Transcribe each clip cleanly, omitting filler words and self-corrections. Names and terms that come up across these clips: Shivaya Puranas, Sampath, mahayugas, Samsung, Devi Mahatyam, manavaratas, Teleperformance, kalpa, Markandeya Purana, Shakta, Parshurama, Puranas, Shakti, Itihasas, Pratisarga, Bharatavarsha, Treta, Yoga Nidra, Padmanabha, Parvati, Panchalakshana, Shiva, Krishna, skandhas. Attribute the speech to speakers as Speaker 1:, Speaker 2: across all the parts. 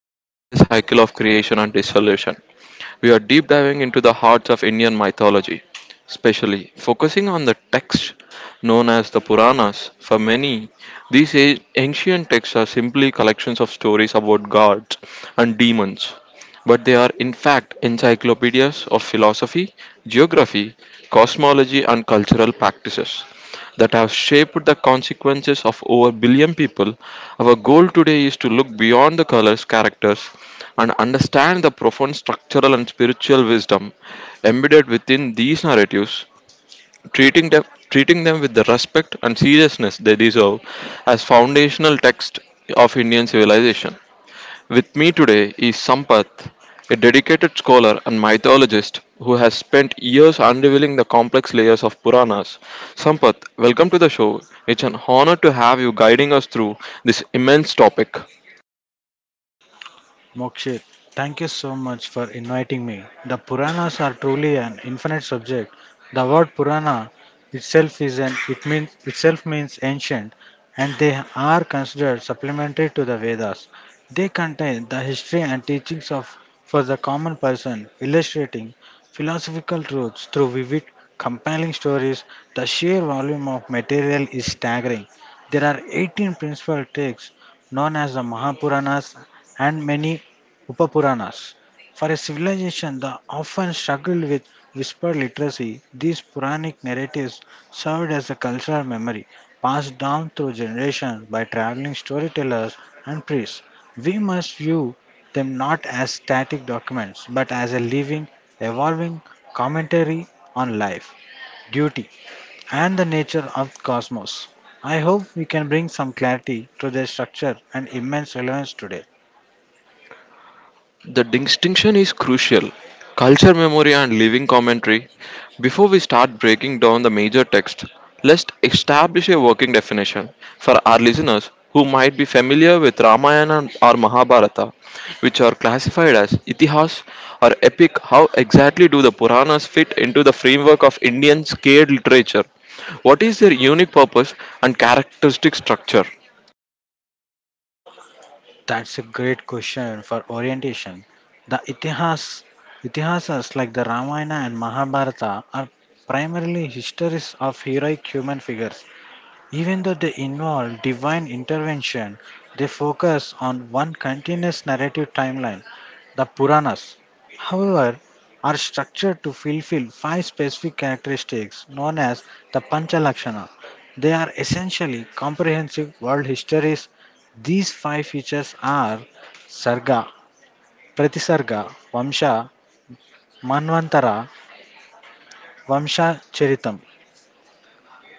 Speaker 1: but entire cycle of creation and dissolution. We are deep diving into the hearts of Indian mythology, especially focusing on the texts known as the Puranas. For many, these ancient texts are simply collections of stories about gods and demons, but they are in fact encyclopedias of philosophy, geography, cosmology, and cultural practices that have shaped the consequences of over a billion people. Our goal today is to look beyond the colors, characters, and understand the profound structural and spiritual wisdom embedded within these narratives, treating them, treating them with the respect and seriousness they deserve as foundational text of Indian civilization. With me today is Sampath, a dedicated scholar and mythologist who has spent years unraveling the complex layers of Puranas. Sampath, welcome to the show. It's an honor to have you guiding us through this immense topic.
Speaker 2: Mokshit, thank you so much for inviting me. The Puranas are truly an infinite subject. The word Purana itself is an it means itself means ancient, and they are considered supplementary to the Vedas. They contain the history and teachings of for the common person, illustrating philosophical truths through vivid, compelling stories. The sheer volume of material is staggering. There are 18 principal texts known as the Mahapuranas and many Upapuranas. For a civilization that often struggled with whispered literacy, these Puranic narratives served as a cultural memory passed down through generations by traveling storytellers and priests. We must view them not as static documents but as a living, evolving commentary on life, duty, and the nature of the cosmos. I hope we can bring some clarity to their structure and immense relevance today.
Speaker 1: The distinction is crucial. Culture memory and living commentary. Before we start breaking down the major text, let's establish a working definition for our listeners who might be familiar with Ramayana or Mahabharata, which are classified as itihas or epic. How exactly do the Puranas fit into the framework of Indian scaled literature? What is their unique purpose and characteristic structure?
Speaker 2: That's a great question for orientation. The Itihasas like the Ramayana and Mahabharata are primarily histories of heroic human figures. Even though they involve divine intervention, they focus on one continuous narrative timeline. The Puranas, however, are structured to fulfill five specific characteristics known as the Panchalakshana. They are essentially comprehensive world histories. These five features are Sarga, Pratisarga, Vamsha, Manvantara, Vamsha Charitam.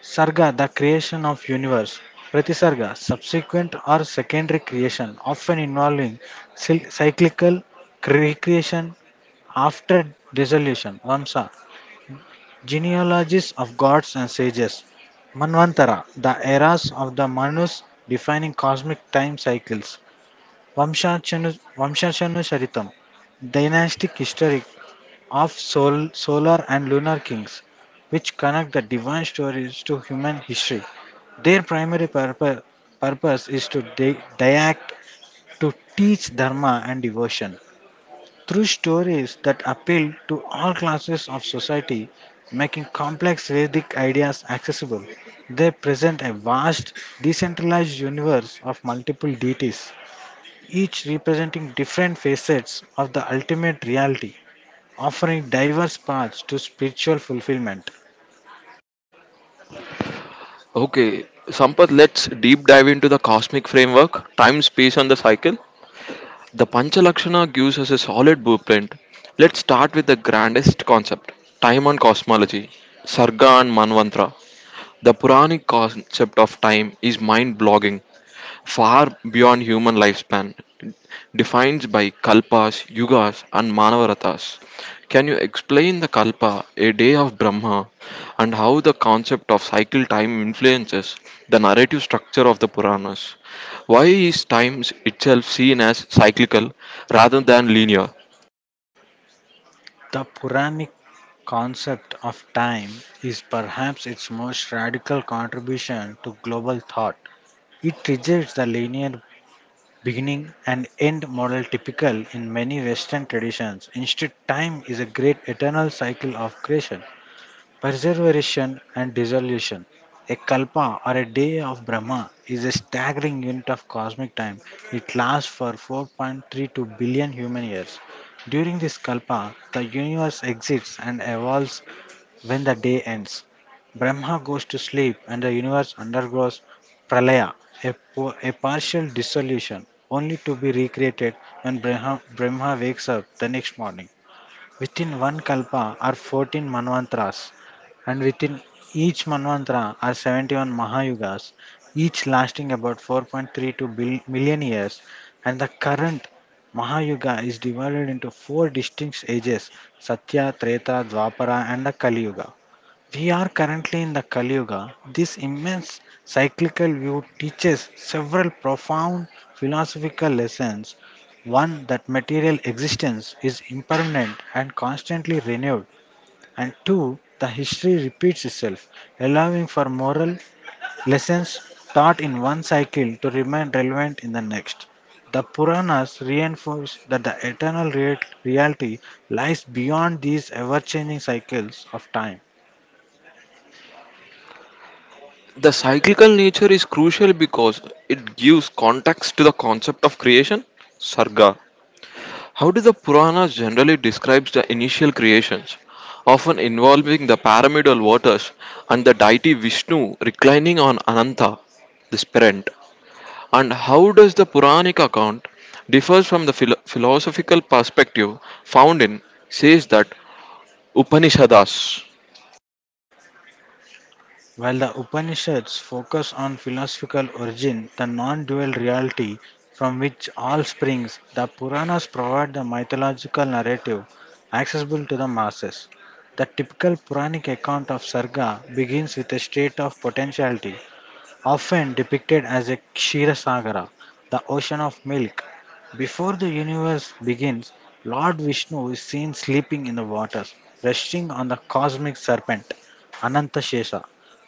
Speaker 2: Sarga, the creation of universe. Pratisarga, subsequent or secondary creation, often involving cyclical recreation after dissolution. Vamsa, genealogies of gods and sages. Manvantara, the eras of the Manus defining cosmic time cycles. Vamshachanu Sharitam, dynastic history of solar and lunar kings, which connect the divine stories to human history. Their primary purpose is to teach dharma and devotion through stories that appeal to all classes of society, making complex Vedic ideas accessible. They present a vast, decentralized universe of multiple deities, each representing different facets of the ultimate reality, offering diverse paths to spiritual fulfillment.
Speaker 1: Okay, Sampath, let's deep dive into the cosmic framework, time, space, and the cycle. The Panchalakshana gives us a solid blueprint. Let's start with the grandest concept time and cosmology, Sarga and Manvantra. The Puranic concept of time is mind blogging far beyond human lifespan, defined by kalpas, yugas, and manavaratas. Can you explain the kalpa, a day of Brahma, and how the concept of cycle time influences the narrative structure of the Puranas? Why is time itself seen as cyclical rather than linear?
Speaker 2: The Puranic concept of time is perhaps its most radical contribution to global thought. It rejects the linear beginning and end model typical in many Western traditions. Instead, time is a great eternal cycle of creation, preservation and dissolution. A kalpa, or a day of Brahma, is a staggering unit of cosmic time. It lasts for 4.32 billion human years. During this kalpa, the universe exists and evolves. When the day ends, Brahma goes to sleep and the universe undergoes pralaya, a partial dissolution, only to be recreated when Brahma wakes up the next morning. Within one kalpa are 14 manvantras, and within each manvantra are 71 mahayugas, each lasting about 4.32 million years. And the current mahayuga is divided into four distinct ages: Satya, Treta, Dwapara, and the Kali Yuga. We are currently in the Kali Yuga. This immense cyclical view teaches several profound philosophical lessons. One, that material existence is impermanent and constantly renewed, and two, the history repeats itself, allowing for moral lessons taught in one cycle to remain relevant in the next. The Puranas reinforce that the eternal reality lies beyond these ever changing cycles of time.
Speaker 1: The cyclical nature is crucial because it gives context to the concept of creation, sarga. How do the Puranas generally describe the initial creations, often involving the pyramidal waters and the deity Vishnu reclining on Ananta, the parent? And how does the Puranic account differs from the philosophical perspective found in says that Upanishadas?
Speaker 2: While the Upanishads focus on philosophical origin, the non dual reality from which all springs, the Puranas provide the mythological narrative accessible to the masses. The typical Puranic account of Sarga begins with a state of potentiality, often depicted as a Kshisagara, the ocean of milk. Before the universe begins, Lord Vishnu is seen sleeping in the water, resting on the cosmic serpent, Anantashesha.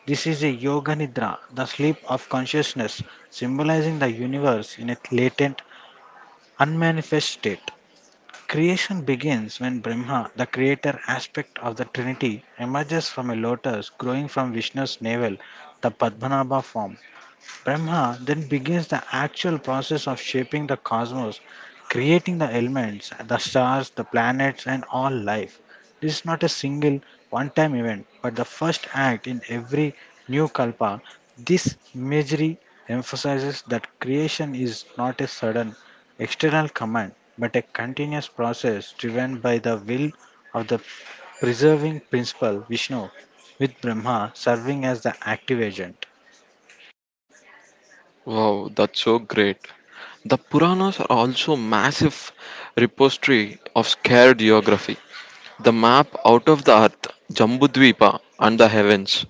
Speaker 2: This is a Yoga Nidra, the sleep of consciousness, symbolizing the universe in its latent, unmanifest state. Creation begins when Brahma, the creator aspect of the Trinity, emerges from a lotus growing from Vishnu's navel, the Padmanabha form. Brahma then begins the actual process of shaping the cosmos, creating the elements, the stars, the planets, and all life. This is not a single one time event, but the first act in every new kalpa. This imagery emphasizes that creation is not a sudden external command, but a continuous process driven by the will of the preserving principle Vishnu, with Brahma serving as the active agent.
Speaker 1: Wow, that's so great. The Puranas are also massive repository of scared geography. The map out of the earth, Jambudvipa and the heavens.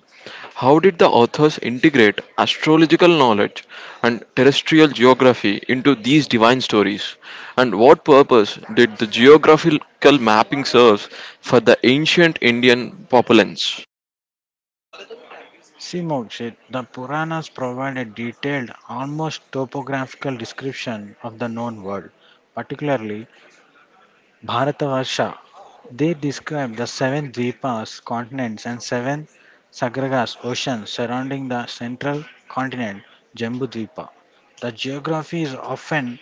Speaker 1: How did the authors integrate astrological knowledge and terrestrial geography into these divine stories? And what purpose did the geographical mapping serve for the ancient Indian populace?
Speaker 2: She noted the Puranas provide a detailed, almost topographical description of the known world, particularly Bharatavarsha. They describe the seven dvipas, continents, and seven sagragas, oceans surrounding the central continent, Jambudvipa. The geography is often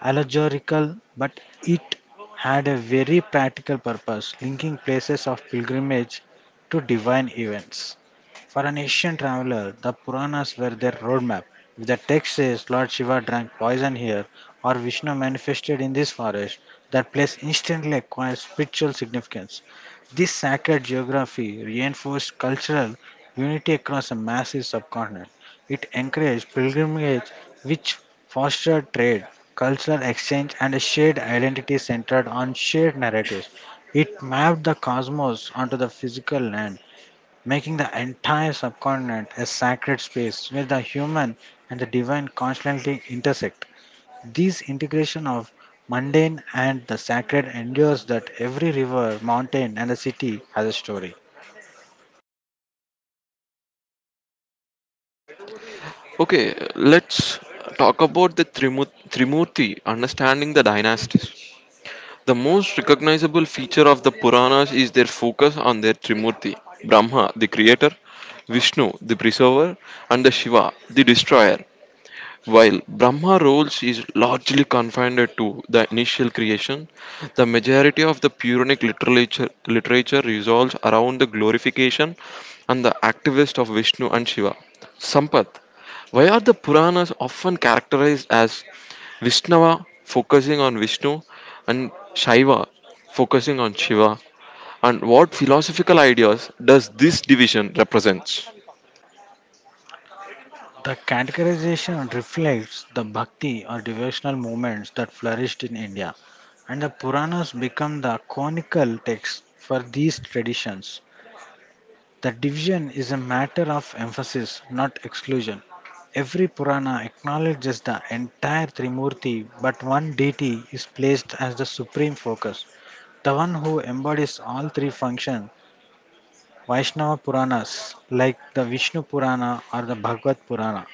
Speaker 2: allegorical, but it had a very practical purpose, linking places of pilgrimage to divine events. For an Asian traveler, the Puranas were their roadmap. If the text says Lord Shiva drank poison here or Vishnu manifested in this forest, that place instantly acquires spiritual significance. This sacred geography reinforced cultural unity across a massive subcontinent. It encouraged pilgrimage, which fostered trade, cultural exchange, and a shared identity centered on shared narratives. It mapped the cosmos onto the physical land, making the entire subcontinent a sacred space where the human and the divine constantly intersect. This integration of mundane and the sacred endures that every river, mountain, and the city has a story.
Speaker 1: Okay, let's talk about the Trimurti, understanding the dynasties. The most recognizable feature of the Puranas is their focus on their Trimurti Brahma, the creator, Vishnu, the preserver, and the Shiva, the destroyer. While Brahma roles is largely confined to the initial creation, the majority of the Puranic literature revolves around the glorification and the activist of Vishnu and Shiva. Sampath, why are the Puranas often characterized as Vishnava focusing on Vishnu and Shiva focusing on Shiva? And what philosophical ideas does this division represents?
Speaker 2: The categorization reflects the bhakti or devotional movements that flourished in India, and the Puranas become the conical texts for these traditions. The division is a matter of emphasis, not exclusion. Every Purana acknowledges the entire Trimurti, but one deity is placed as the supreme focus, the one who embodies all three functions. Vaishnava Puranas, like the Vishnu Purana or the Bhagavad Purana,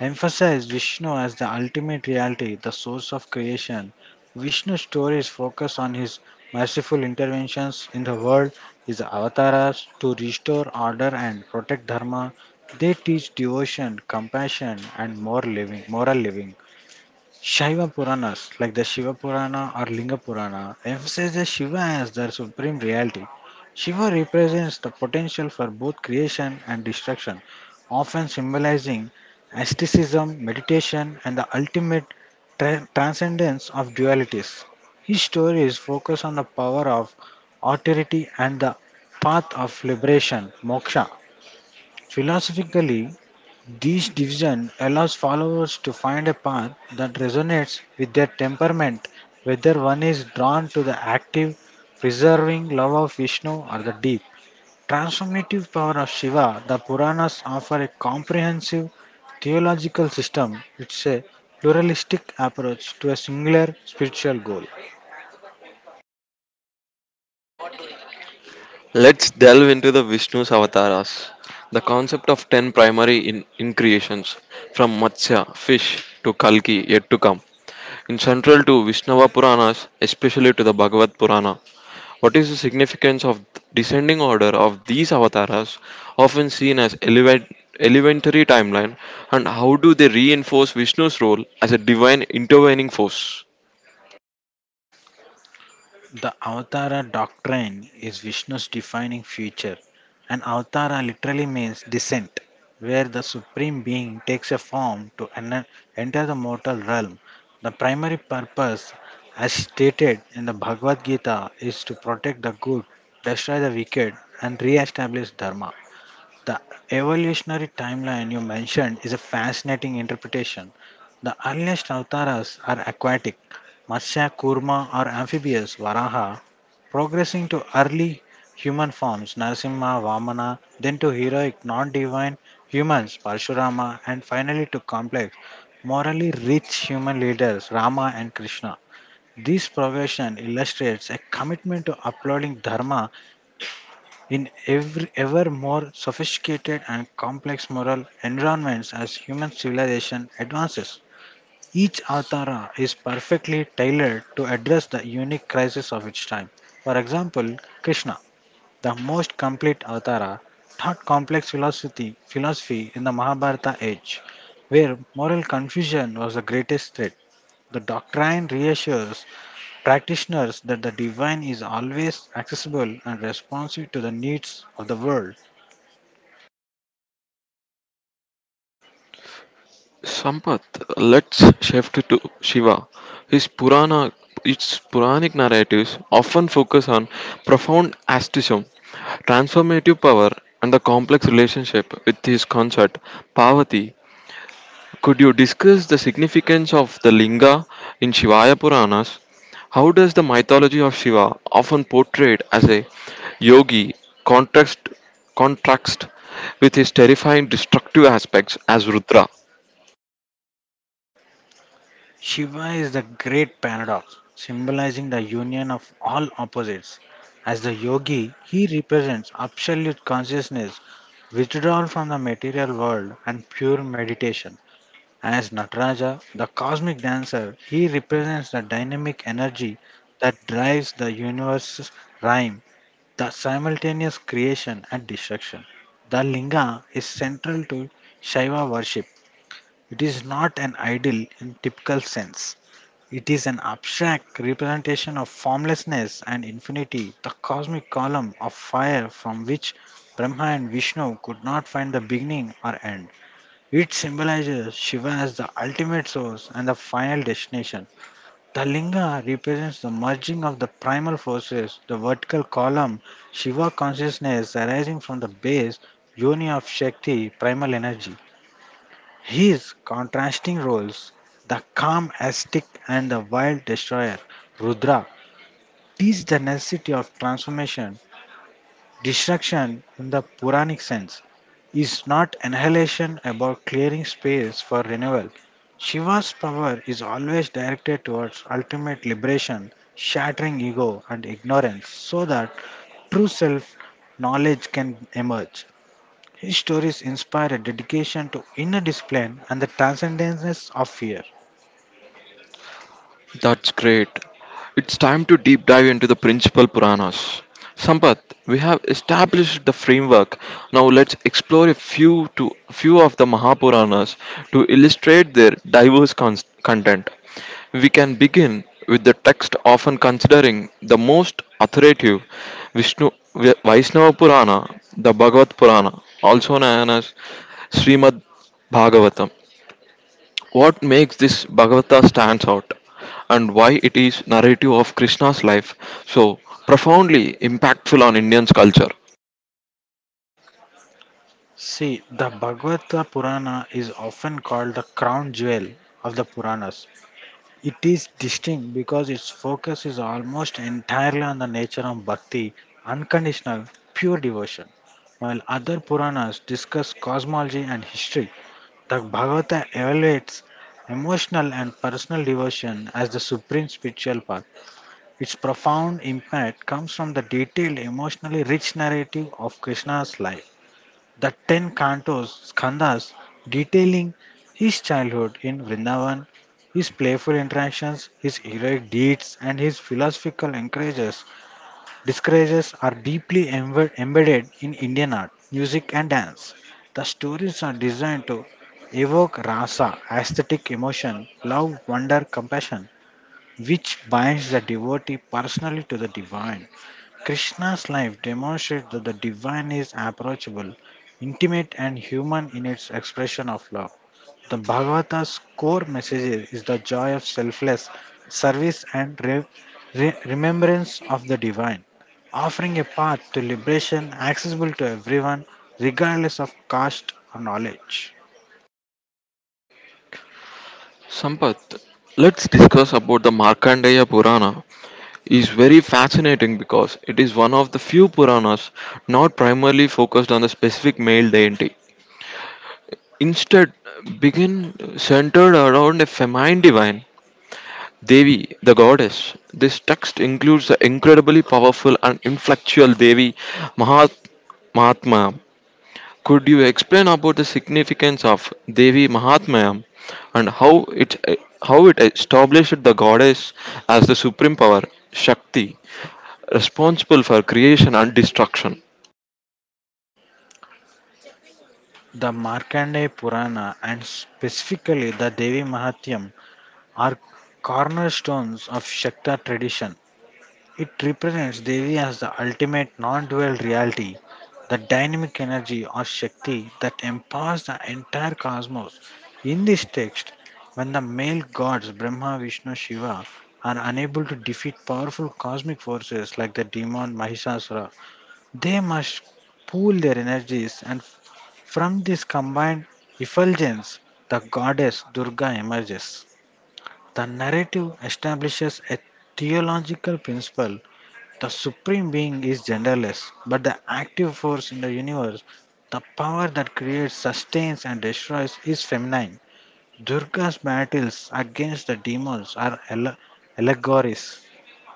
Speaker 2: emphasize Vishnu as the ultimate reality, the source of creation. Vishnu's stories focus on his merciful interventions in the world, his avatars to restore order and protect dharma. They teach devotion, compassion, and more living, moral living. Shiva Puranas, like the Shiva Purana or Linga Purana, emphasizes Shiva as the supreme reality. Shiva represents the potential for both creation and destruction, often symbolizing asceticism, meditation, and the ultimate transcendence of dualities. His stories focus on the power of authority and the path of liberation, moksha. Philosophically, this division allows followers to find a path that resonates with their temperament, whether one is drawn to the active, preserving love of Vishnu or the deep, transformative power of Shiva. The Puranas offer a comprehensive theological system. It's a pluralistic approach to a singular spiritual goal.
Speaker 1: Let's delve into the Vishnu's avatars, the concept of 10 primary in, increations, from Matsya, fish, to Kalki, yet to come. In central to Vishnava Puranas, especially to the Bhagavad Purana, what is the significance of descending order of these avataras, often seen as elementary timeline, and how do they reinforce Vishnu's role as a divine intervening force?
Speaker 2: The Avatara doctrine is Vishnu's defining feature. An Avatara literally means descent, where the Supreme Being takes a form to enter the mortal realm. The primary purpose, as stated in the Bhagavad Gita, is to protect the good, destroy the wicked, and re establish Dharma. The evolutionary timeline you mentioned is a fascinating interpretation. The earliest avataras are aquatic, Matsya, Kurma, or amphibious, Varaha, progressing to early human forms, Narasimha, Vamana, then to heroic, non divine humans, Parshurama, and finally to complex, morally rich human leaders, Rama and Krishna. This progression illustrates a commitment to uploading dharma in every, ever more sophisticated and complex moral environments as human civilization advances. Each avtara is perfectly tailored to address the unique crisis of its time. For example, Krishna, the most complete avtara, taught complex philosophy in the Mahabharata age, where moral confusion was the greatest threat. The doctrine reassures practitioners that the divine is always accessible and responsive to the needs of the world.
Speaker 1: Sampath, let's shift to Shiva. His Purana, its Puranic narratives often focus on profound asceticism, transformative power, and the complex relationship with his consort Parvati. Could you discuss the significance of the Linga in Shivaya Puranas? How does the mythology of Shiva, often portrayed as a yogi, contrast contrast with his terrifying destructive aspects as Rudra?
Speaker 2: Shiva is the great paradox, symbolizing the union of all opposites. As the yogi, he represents absolute consciousness, withdrawal from the material world, and pure meditation. As Nataraja, the cosmic dancer, he represents the dynamic energy that drives the universe's rhyme, the simultaneous creation and destruction. The linga is central to Shaiva worship. It is not an idol in typical sense. It is an abstract representation of formlessness and infinity, the cosmic column of fire from which Brahma and Vishnu could not find the beginning or end. It symbolizes Shiva as the ultimate source and the final destination. The linga represents the merging of the primal forces, the vertical column, Shiva consciousness arising from the base, yoni of Shakti, primal energy. His contrasting roles, the calm ascetic and the wild destroyer, Rudra, teach the necessity of transformation. Destruction, in the Puranic sense, is not annihilation about clearing space for renewal. Shiva's power is always directed towards ultimate liberation, shattering ego and ignorance so that true self knowledge can emerge. His stories inspire a dedication to inner discipline and the transcendence of fear.
Speaker 1: That's great. It's time to deep dive into the principal Puranas. Sampath, we have established the framework. Now let's explore a few to few of the Mahapuranas to illustrate their diverse content. We can begin with the text often considering the most authoritative Vaishnava Purana, the Bhagavat Purana, also known as Srimad Bhagavatam. What makes this Bhagavata stands out and why it is narrative of Krishna's life so profoundly impactful on Indian's culture.
Speaker 2: See, the Bhagavata Purana is often called the crown jewel of the Puranas. It is distinct because its focus is almost entirely on the nature of bhakti, unconditional, pure devotion. While other Puranas discuss cosmology and history, the Bhagavata elevates emotional and personal devotion as the supreme spiritual path. Its profound impact comes from the detailed, emotionally rich narrative of Krishna's life, the ten cantos, skandhas, detailing his childhood in Vrindavan, his playful interactions, his heroic deeds, and his philosophical discourages are deeply embedded in Indian art, music, and dance. The stories are designed to evoke rasa, aesthetic emotion, love, wonder, compassion, which binds the devotee personally to the divine. Krishna's life demonstrates that the divine is approachable, intimate, and human in its expression of love. The Bhagavata's core message is the joy of selfless service and remembrance of the divine, offering a path to liberation accessible to everyone, regardless of caste or knowledge.
Speaker 1: Sampath, let's discuss about the Markandeya Purana is very fascinating because it is one of the few Puranas not primarily focused on the specific male deity. Instead, begin centered around a feminine divine Devi, the goddess. This text includes the incredibly powerful and influential Devi Mahat- Mahatmyam. Could you explain about the significance of Devi Mahatmyam and how it established the goddess as the supreme power, Shakti, responsible for creation and destruction?
Speaker 2: The Markandeya Purana and specifically the Devi Mahatyam are cornerstones of Shakta tradition. It represents Devi as the ultimate non dual reality, the dynamic energy or Shakti that empowers the entire cosmos. In this text, when the male gods Brahma, Vishnu, Shiva are unable to defeat powerful cosmic forces like the demon Mahisasura, they must pool their energies, and from this combined effulgence, the goddess Durga emerges. The narrative establishes a theological principle: the Supreme Being is genderless, but the active force in the universe, the power that creates, sustains, and destroys, is feminine. Durga's battles against the demons are allegories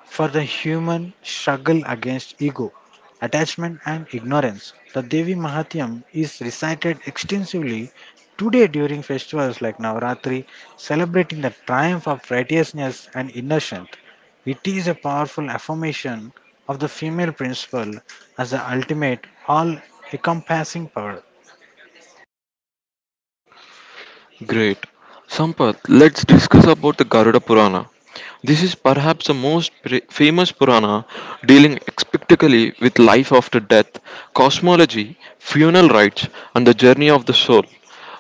Speaker 2: for the human struggle against ego, attachment, and ignorance. The Devi Mahatyam is recited extensively today during festivals like Navaratri, celebrating the triumph of righteousness and inner strength. It is a powerful affirmation of the female principle as the ultimate, all encompassing power.
Speaker 1: Great. Sampath, let's discuss about the Garuda Purana. This is perhaps the most famous Purana dealing expectically with life after death, cosmology, funeral rites, and the journey of the soul.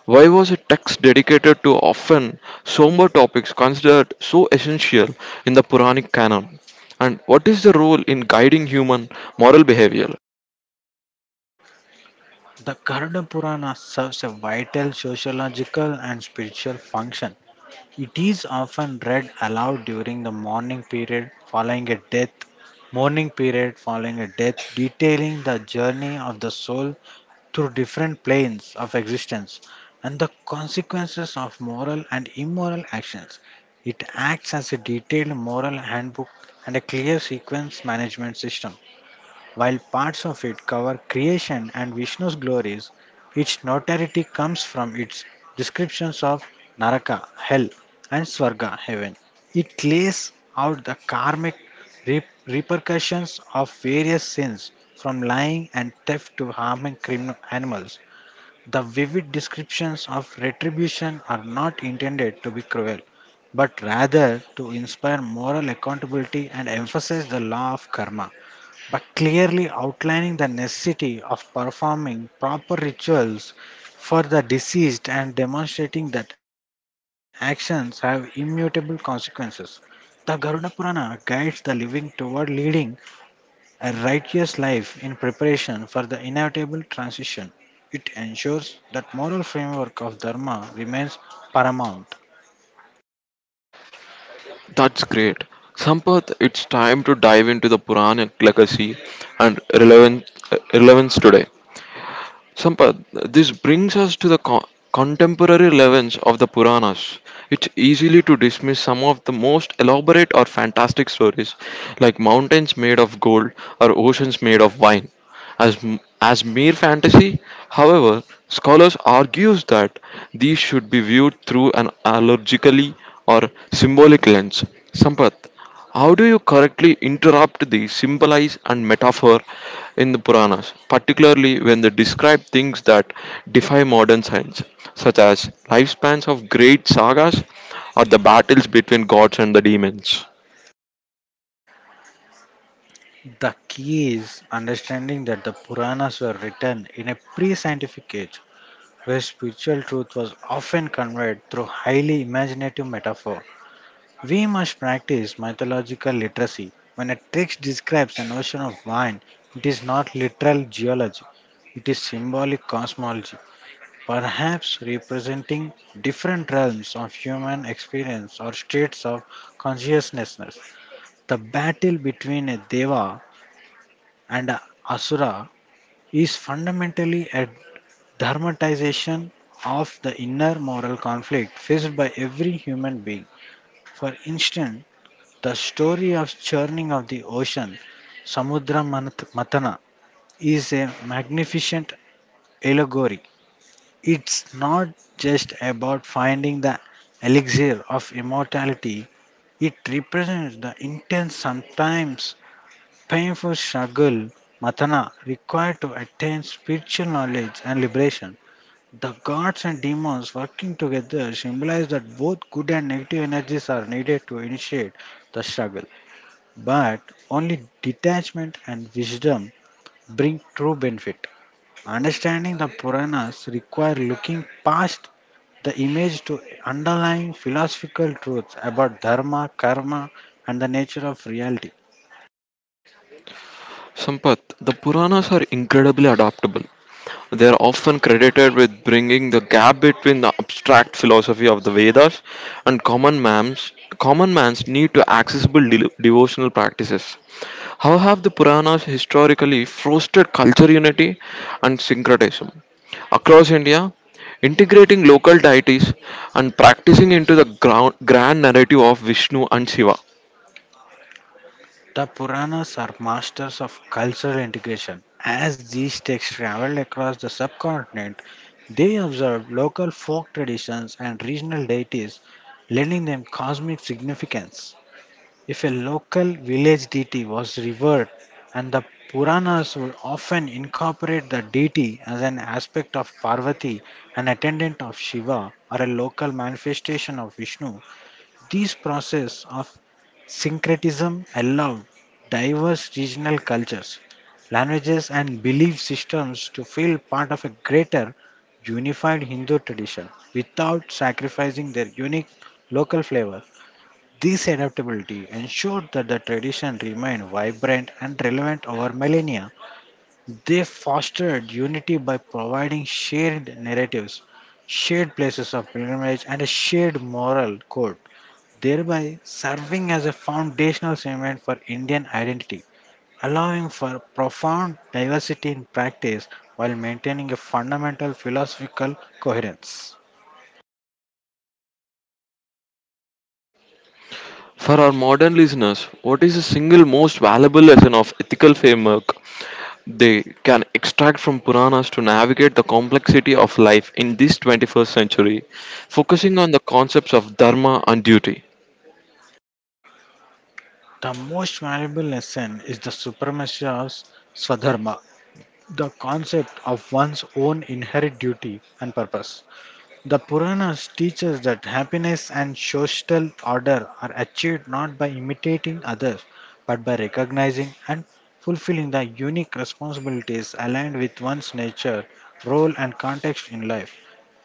Speaker 1: Why was a text dedicated to often somber topics considered so essential in the Puranic canon? And what is the role in guiding human moral behavior?
Speaker 2: The Garuda Purana serves a vital sociological and spiritual function. It is often read aloud during the mourning period following a death, detailing the journey of the soul through different planes of existence and the consequences of moral and immoral actions. It acts as a detailed moral handbook and a clear sequence management system. While parts of it cover creation and Vishnu's glories, its notoriety comes from its descriptions of Naraka, hell, and Swarga, heaven. It lays out the karmic repercussions of various sins, from lying and theft to harming criminal animals. The vivid descriptions of retribution are not intended to be cruel, but rather to inspire moral accountability and emphasize the law of karma by clearly outlining the necessity of performing proper rituals for the deceased and demonstrating that actions have immutable consequences. The Garuda Purana guides the living toward leading a righteous life in preparation for the inevitable transition. It ensures that moral framework of dharma remains paramount.
Speaker 1: That's great. Sampath, it's time to dive into the Puranic legacy and relevance today. Sampath, this brings us to the contemporary relevance of the Puranas. It's easily to dismiss some of the most elaborate or fantastic stories, like mountains made of gold or oceans made of wine, as mere fantasy. However, scholars argues that these should be viewed through an allegorically or symbolic lens. Sampath, how do you correctly interrupt the symbolize and metaphor in the Puranas, particularly when they describe things that defy modern science, such as lifespans of great sagas or the battles between gods and the demons?
Speaker 2: The key is understanding that the Puranas were written in a pre-scientific age where spiritual truth was often conveyed through highly imaginative metaphor. We must practice mythological literacy. When a text describes an ocean of wine, it is not literal geology, it is symbolic cosmology, perhaps representing different realms of human experience or states of consciousness. The battle between a deva and a asura is fundamentally a dramatization of the inner moral conflict faced by every human being. For instance, the story of churning of the ocean, Mathana, is a magnificent allegory. It's not just about finding the elixir of immortality, it represents the intense, sometimes painful struggle Mathana required to attain spiritual knowledge and liberation. The gods and demons working together symbolize that both good and negative energies are needed to initiate the struggle, but only detachment and wisdom bring true benefit. Understanding the Puranas require looking past the image to underlying philosophical truths about dharma, karma, and the nature of reality.
Speaker 1: Sampath, the Puranas are incredibly adaptable. They are often credited with bringing the gap between the abstract philosophy of the Vedas and common man's need to accessible devotional practices. How have the Puranas historically fostered culture unity and syncretism? Across India, integrating local deities and practicing into the grand narrative of Vishnu and Shiva.
Speaker 2: The Puranas are masters of cultural integration. As these texts traveled across the subcontinent, they observed local folk traditions and regional deities, lending them cosmic significance. If a local village deity was revered, and the Puranas would often incorporate the deity as an aspect of Parvati, an attendant of Shiva, or a local manifestation of Vishnu, this process of syncretism allowed diverse regional cultures, languages, and belief systems to feel part of a greater unified Hindu tradition without sacrificing their unique local flavor. This adaptability ensured that the tradition remained vibrant and relevant over millennia. They fostered unity by providing shared narratives, shared places of pilgrimage, and a shared moral code, thereby serving as a foundational cement for Indian identity, allowing for profound diversity in practice while maintaining a fundamental philosophical coherence.
Speaker 1: For our modern listeners, what is the single most valuable lesson of ethical framework they can extract from Puranas to navigate the complexity of life in this 21st century, focusing on the concepts of dharma and duty?
Speaker 2: The most valuable lesson is the supremacy of Swadharma, the concept of one's own inherent duty and purpose. The Puranas teach us that happiness and social order are achieved not by imitating others, but by recognizing and fulfilling the unique responsibilities aligned with one's nature, role, and context in life.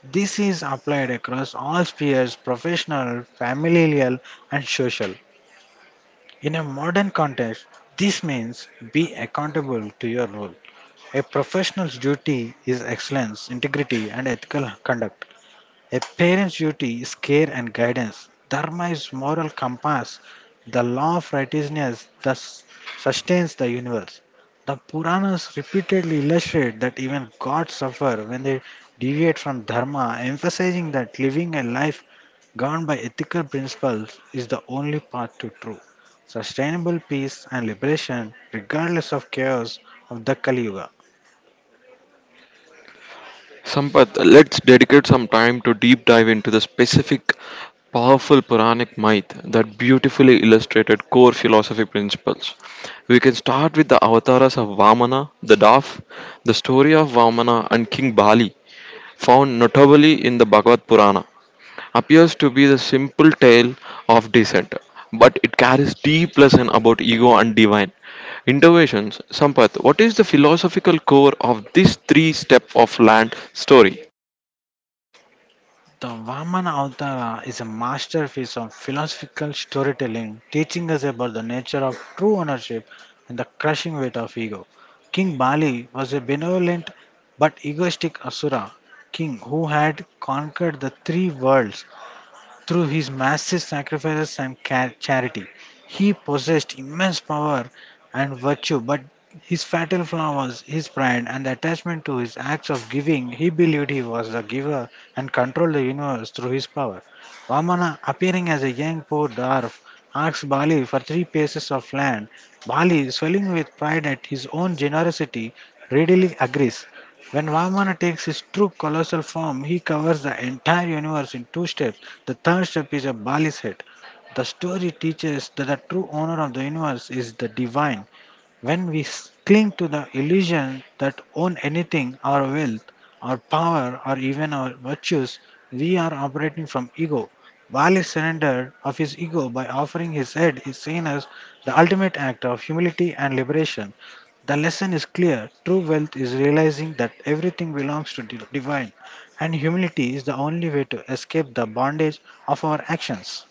Speaker 2: This is applied across all spheres: professional, familial, and social. In a modern context, this means be accountable to your role. A professional's duty is excellence, integrity, and ethical conduct. A parent's duty is care and guidance. Dharma is moral compass. The law of righteousness thus sustains the universe. The Puranas repeatedly illustrate that even gods suffer when they deviate from dharma, emphasizing that living a life governed by ethical principles is the only path to true, sustainable peace and liberation, regardless of chaos of the Kali Yuga.
Speaker 1: Sampath, let's dedicate some time to deep dive into the specific powerful Puranic myth that beautifully illustrated core philosophy principles. We can start with the avatars of Vamana, the dwarf, the story of Vamana and King Bali, found notably in the Bhagavad Purana appears to be the simple tale of descent, but it carries deep lesson about ego and divine. Interventions, Sampath, what is the philosophical core of this three step of land story?
Speaker 2: The Vamana Avatara is a masterpiece of philosophical storytelling, teaching us about the nature of true ownership and the crushing weight of ego. King Bali was a benevolent but egoistic Asura king who had conquered the three worlds through his massive sacrifices and charity, he possessed immense power and virtue, but his fatal flaw was his pride and attachment to his acts of giving. He believed he was the giver and controlled the universe through his power. Vamana, appearing as a young poor dwarf, asks Bali for three pieces of land. Bali, swelling with pride at his own generosity, readily agrees. When Vamana takes his true colossal form, he covers the entire universe in two steps. The third step is a Bali's head. The story teaches that the true owner of the universe is the divine. When we cling to the illusion that own anything, our wealth, our power, or even our virtues, we are operating from ego. Bali surrendered of his ego by offering his head is seen as the ultimate act of humility and liberation. The lesson is clear. True wealth is realizing that everything belongs to the divine, and humility is the only way to escape the bondage of our actions.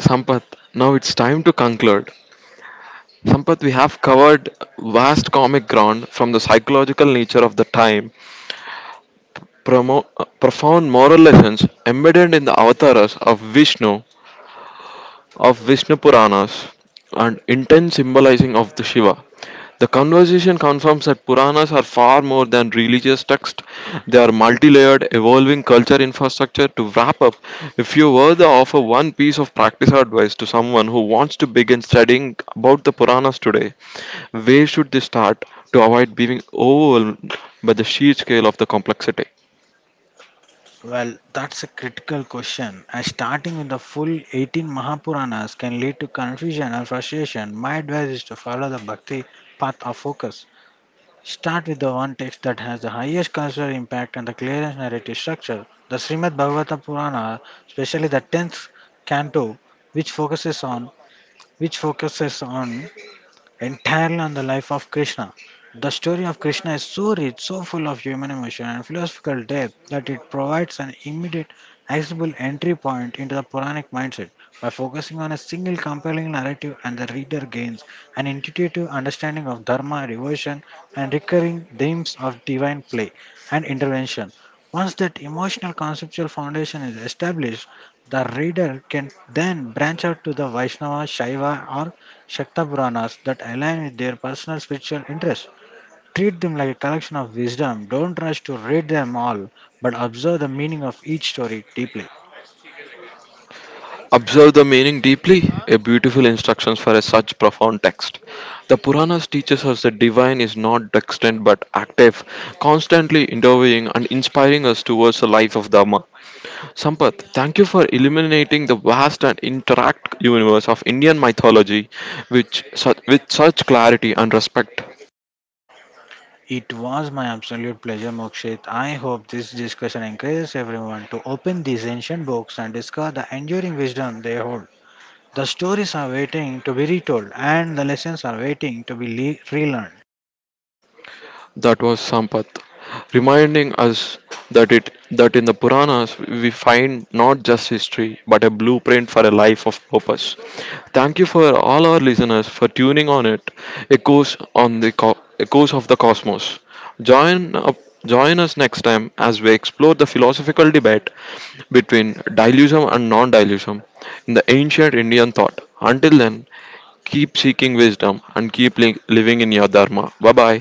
Speaker 1: Sampath, now it's time to conclude. Sampath, we have covered vast comic ground from the psychological nature of the time, profound moral lessons embedded in the avatars of Vishnu Puranas, and intense symbolizing of the Shiva. The conversation confirms that Puranas are far more than religious texts. They are multi-layered, evolving culture infrastructure. To wrap up, if you were to offer one piece of practice or advice to someone who wants to begin studying about the Puranas today, where should they start to avoid being overwhelmed by the sheer scale of the complexity?
Speaker 2: Well, that's a critical question. As starting with the full 18 Mahapuranas can lead to confusion and frustration, my advice is to follow the bhakti path of focus. Start with the one text that has the highest cultural impact and the clearest narrative structure. The Srimad Bhagavata Purana, especially the 10th canto, which focuses on which focuses on entirely on the life of Krishna. The story of Krishna is so rich, so full of human emotion and philosophical depth that it provides an immediate, accessible entry point into the Puranic mindset. By focusing on a single compelling narrative, and the reader gains an intuitive understanding of dharma, devotion, and recurring themes of divine play and intervention. Once that emotional conceptual foundation is established, the reader can then branch out to the Vaishnava, Shaiva, or Shakta Puranas that align with their personal spiritual interests. Treat them like a collection of wisdom. Don't rush to read them all, but observe the meaning of each story deeply.
Speaker 1: Observe the meaning deeply, a beautiful instructions for a such profound text. The Puranas teaches us that divine is not distant but active, constantly interviewing and inspiring us towards a life of Dharma. Sampath, thank you for illuminating the vast and interact universe of Indian mythology which, with such clarity and respect.
Speaker 2: It was my absolute pleasure, Mokshit. I hope this discussion encourages everyone to open these ancient books and discover the enduring wisdom they hold. The stories are waiting to be retold, and the lessons are waiting to be relearned.
Speaker 1: That was Sampath, reminding us that it that in the Puranas we find not just history but a blueprint for a life of purpose. Thank you for all our listeners for tuning on it. Echoes on the echoes of the cosmos. Join up. Join us next time as we explore the philosophical debate between dilution and non-dilution in the ancient Indian thought. Until then, keep seeking wisdom and keep living in your dharma. Bye bye.